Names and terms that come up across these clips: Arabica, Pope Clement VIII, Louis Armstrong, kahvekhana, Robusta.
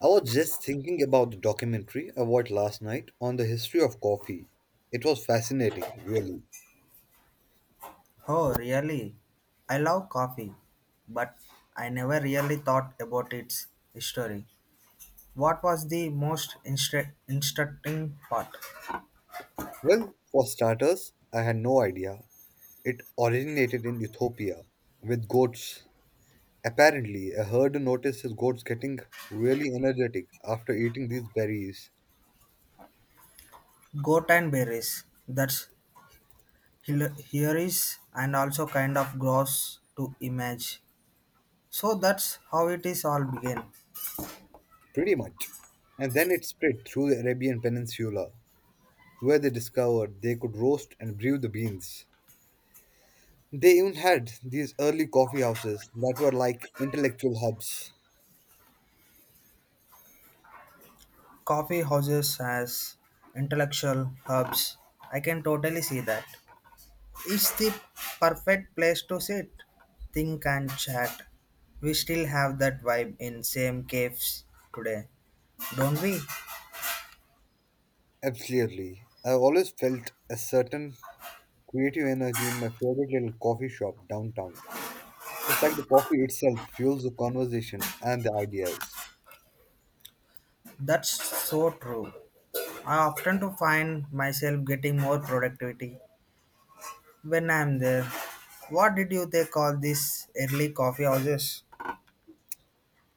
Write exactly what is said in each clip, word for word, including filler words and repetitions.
I was just thinking about the documentary I watched last night on the history of coffee. It was fascinating, really. Oh, really? I love coffee, but I never really thought about its history. What was the most instru- instructing part? Well, for starters, I had no idea it originated in Ethiopia with goats. Apparently, a herd noticed his goats getting really energetic after eating these berries, Goat and berries. That's hil- here is and also kind of gross to image. So that's how it is all began. pretty much. And then it spread through the Arabian Peninsula, where they discovered they could roast and brew the beans. They even had these early coffee houses that were like intellectual hubs. Coffee houses as intellectual hubs. I can totally see that. It's the perfect place to sit, think and chat. We still have that vibe in same caves today, don't we? Absolutely. I always felt a certain creative energy in my favorite little coffee shop downtown. It's like the coffee itself fuels the conversation and the ideas. That's so true. I often to find myself getting more productivity when I'm there. What did you they call these early coffee houses?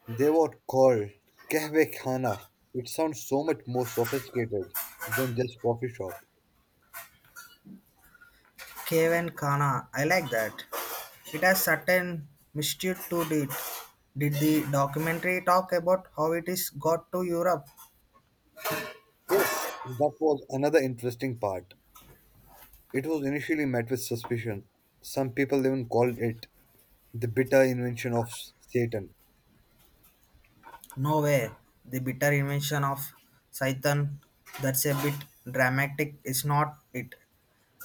They were called kahvekhana. It sounds so much more sophisticated than just coffee shop. Cave and Kana. I like that. It has certain mystery to it. Did the documentary talk about how it is got to Europe? Yes, that was another interesting part. It was initially met with suspicion. Some people even called it the bitter invention of Satan, Nowhere. The bitter invention of Satan. That's a bit dramatic, is not it?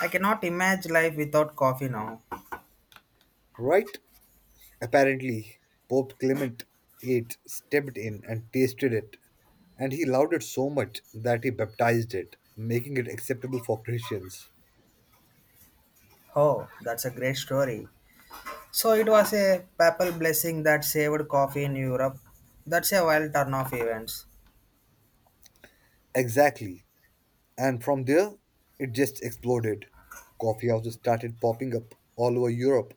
I cannot imagine life without coffee now. right? Apparently, Pope Clement the Eighth stepped in and tasted it, and he loved it so much that he baptized it, making it acceptable for Christians. Oh, that's a great story. So it was a papal blessing that saved coffee in Europe. That's a wild turn of events. Exactly. And from there, it just exploded. Coffee houses started popping up all over Europe,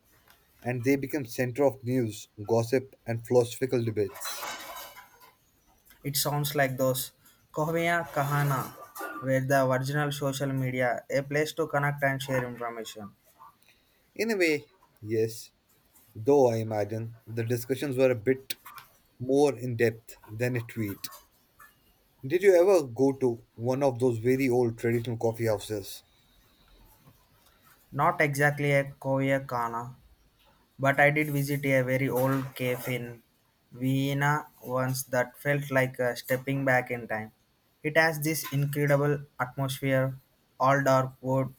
and they became center of news, gossip, and philosophical debates. It sounds like those Kohmiya Kahana where the original social media, a place to connect and share information. In a way, yes. Though I imagine the discussions were a bit more in depth than a tweet. Did you ever go to one of those very old traditional coffee houses? Not exactly a Kohmiya Kahana. But I did visit a very old cave in Vienna once that felt like uh, stepping back in time. It has this incredible atmosphere, all dark wood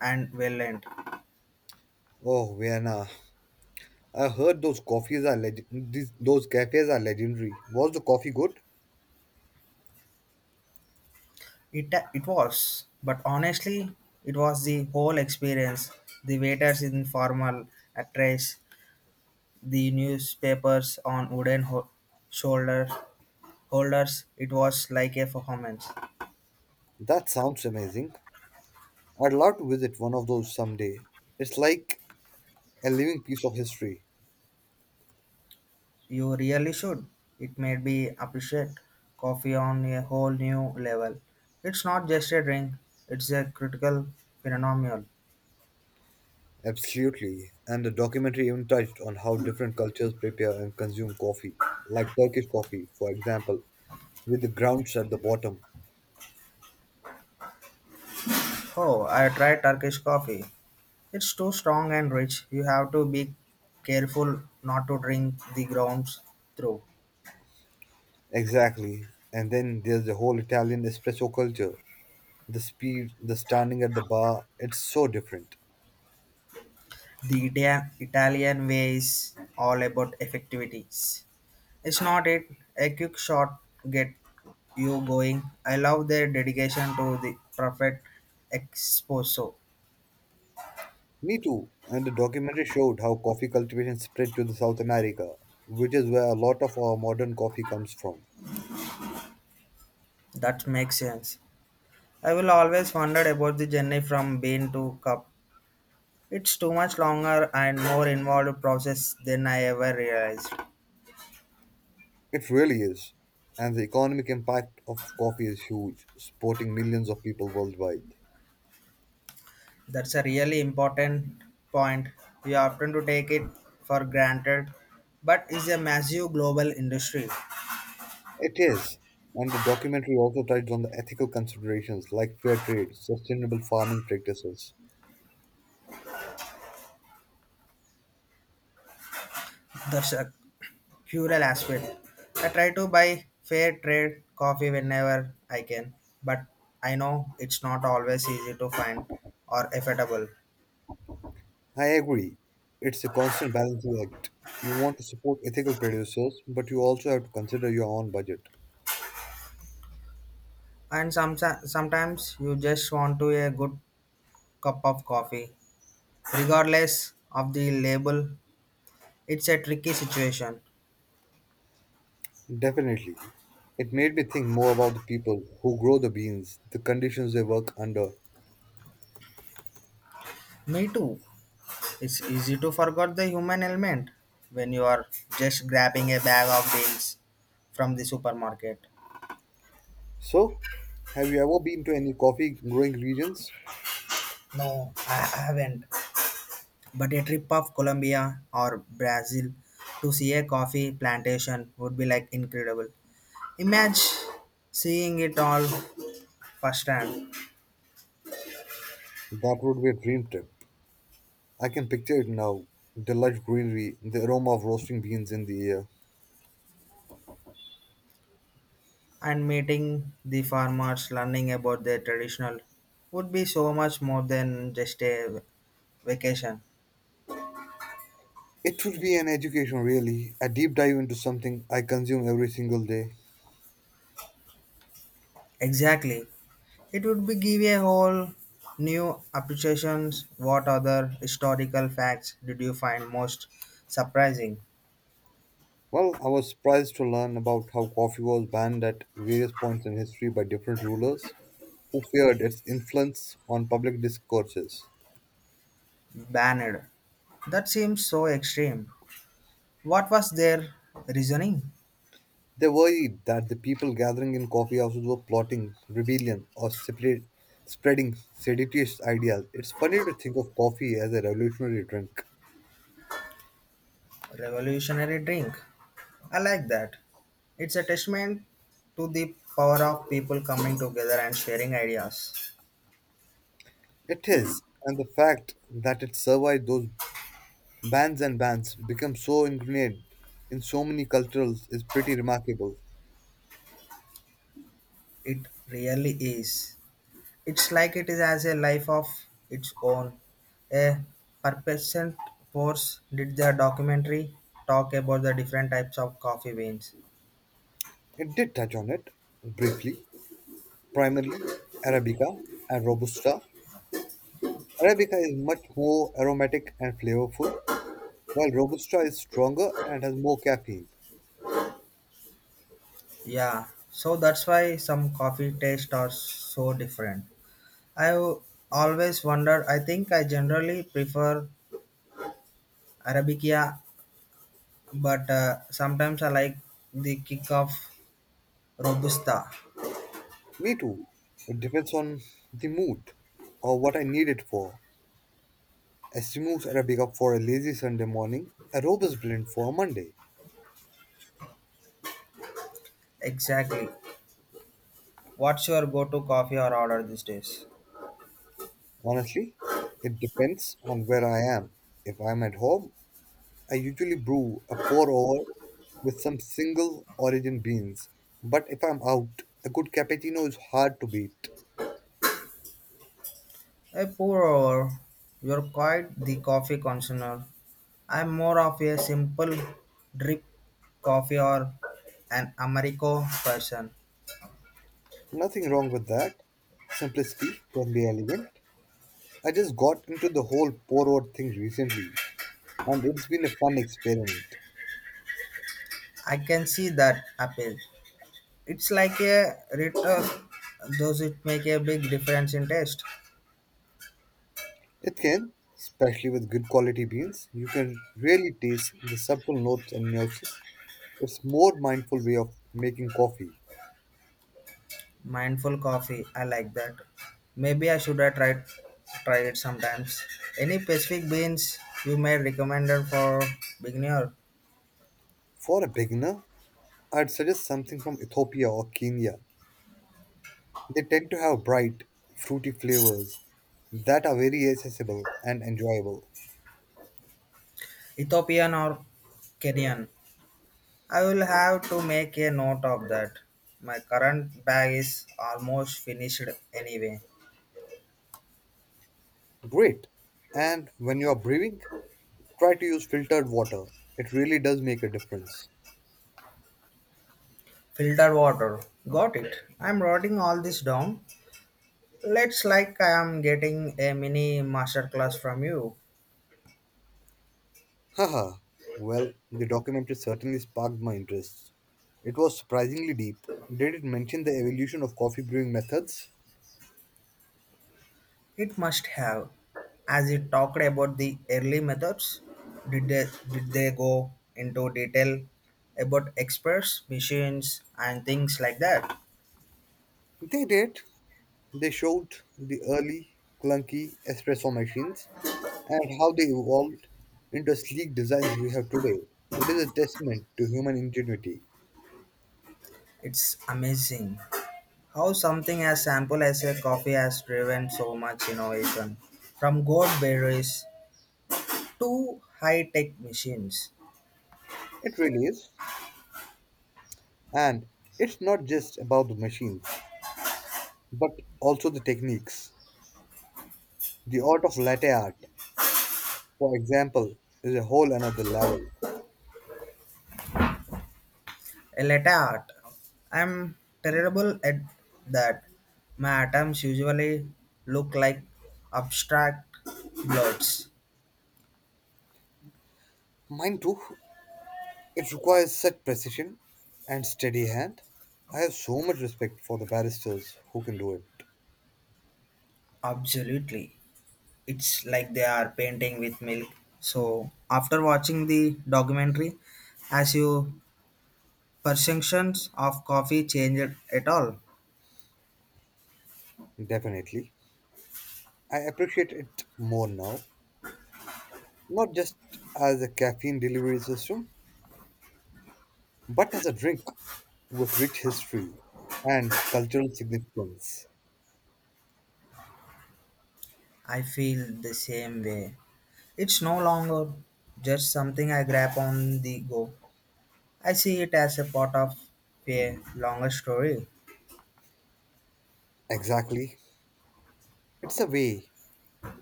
and well lit. Oh, Vienna. I heard those coffees are leg- these, those cafes are legendary. Was the coffee good? It, it was, but honestly, it was the whole experience. The waiters in formal attires, the newspapers on wooden ho- shoulder holders. It was like a performance. That sounds amazing. I'd love to visit one of those someday. It's like a living piece of history. You really should. It made me appreciate coffee on a whole new level. It's not just a drink, it's a critical phenomenon. Absolutely. And the documentary even touched on how different cultures prepare and consume coffee, like Turkish coffee, for example, with the grounds at the bottom. Oh, I tried Turkish coffee. It's too strong and rich. You have to be careful not to drink the grounds through. Exactly. And then there's the whole Italian espresso culture. The speed, the standing at the bar, it's so different. The Ita- Italian way is all about effectivities. It's not it. A quick shot get you going. I love their dedication to the perfect espresso. Me too. And the documentary showed how coffee cultivation spread to the South America, which is where a lot of our modern coffee comes from. That makes sense. I will always wondered about the journey from bean to cup. It's too much longer and more involved process than I ever realized. It really is. And the economic impact of coffee is huge, supporting millions of people worldwide. That's a really important point. We often to take it for granted, but it's a massive global industry. It is. And the documentary also touched on the ethical considerations like fair trade, sustainable farming practices. That's a cruel aspect. I try to buy fair trade coffee whenever I can, but I know it's not always easy to find or affordable. I agree. It's a constant balancing act. You want to support ethical producers, but you also have to consider your own budget. And some, Sometimes you just want to a good cup of coffee, regardless of the label. It's a tricky situation. Definitely. It made me think more about the people who grow the beans, the conditions they work under. Me too. It's easy to forget the human element when you are just grabbing a bag of beans from the supermarket. So, have you ever been to any coffee growing regions? No, I haven't. But a trip of Colombia or Brazil to see a coffee plantation would be like incredible. Imagine seeing it all firsthand. That would be a dream trip. I can picture it now. The lush greenery, the aroma of roasting beans in the air. And meeting the farmers, learning about their traditional would be so much more than just a vacation. It would be an education, really, a deep dive into something I consume every single day. Exactly. It would be give a whole new appreciations. What other historical facts did you find most surprising? Well, I was surprised to learn about how coffee was banned at various points in history by different rulers who feared its influence on public discourses. Banned. That seems so extreme. What was their reasoning? They worried that the people gathering in coffee houses were plotting rebellion or spread, spreading seditious ideas. It's funny to think of coffee as a revolutionary drink. Revolutionary drink. I like that. It's a testament to the power of people coming together and sharing ideas. It is, and the fact that it survived those bans and bans, become so ingrained in so many cultures, is pretty remarkable. It really is. It's like it is as a life of its own. A purpose force did the documentary talk about the different types of coffee beans. It did touch on it briefly, primarily Arabica and Robusta. Arabica is much more aromatic and flavorful, while Robusta is stronger and has more caffeine. Yeah, so that's why some coffee tastes are so different. I always wonder, I think I generally prefer Arabica, but uh, sometimes I like the kick of Robusta. Me too. It depends on the mood or what I need it for. I smooth Arabica for a lazy Sunday morning, a Robust blend for a Monday. Exactly. What's your go to coffee or order these days? Honestly, it depends on where I am. If I'm at home, I usually brew a pour over with some single origin beans. But if I'm out, a good cappuccino is hard to beat. A poor hour. You're quite the coffee connoisseur. I'm more of a simple drip coffee or an Americo person. Nothing wrong with that. Simplicity can be elegant. I just got into the whole pour over thing recently, and it's been a fun experiment. I can see that appeal. It's like a return. Does it make a big difference in taste? It can, especially with good quality beans, you can really taste the subtle notes and nuances. It's more mindful way of making coffee. Mindful coffee. I like that. Maybe I should have tried try it sometimes. Any specific beans you may recommend for beginner? For a beginner, I'd suggest something from Ethiopia or Kenya. They tend to have bright, fruity flavors that are very accessible and enjoyable. Ethiopian or Kenyan? I will have to make a note of that. My current bag is almost finished anyway. Great. And when you are brewing, try to use filtered water. It really does make a difference. Filtered water. Got it. I'm writing all this down. Let's like I am getting a mini masterclass from you. Haha. Well, the documentary certainly sparked my interest. It was surprisingly deep. Did it mention the evolution of coffee brewing methods? It must have. As you talked about the early methods, did they, did they go into detail about experts, machines, and things like that? They did. They showed the early clunky espresso machines and how they evolved into sleek designs we have today. It is a testament to human ingenuity. It's amazing how something as simple as a coffee has driven so much innovation, from gourd berries to high-tech machines. It really is. And it's not just about the machines, but also the techniques. The art of latte art, for example, is a whole another level. A latte art. I'm terrible at that. My atoms usually look like abstract blobs. Mine too. It requires such precision and steady hand. I have so much respect for the barristers who can do it. Absolutely. It's like they are painting with milk. So after watching the documentary, has your perceptions of coffee changed at all? Definitely. I appreciate it more now, not just as a caffeine delivery system, but as a drink with rich history and cultural significance. I feel the same way. It's no longer just something I grab on the go. I see it as a part of a longer story. Exactly. It's a way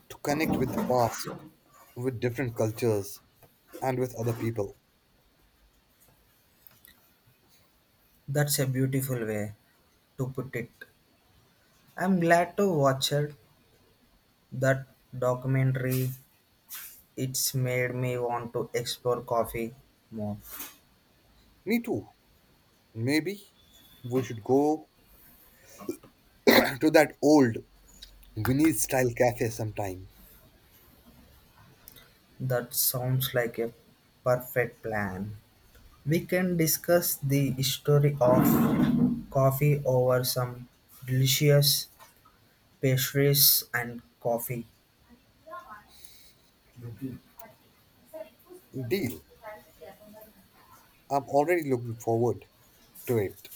to connect with the past, with different cultures, and with other people. That's a beautiful way to put it. I'm glad to watch it. That documentary, it's made me want to explore coffee more. Me too. Maybe we should go to that old Vinny's style cafe sometime. That sounds like a perfect plan. We can discuss the history of coffee over some delicious pastries and coffee Deal. I'm already looking forward to it.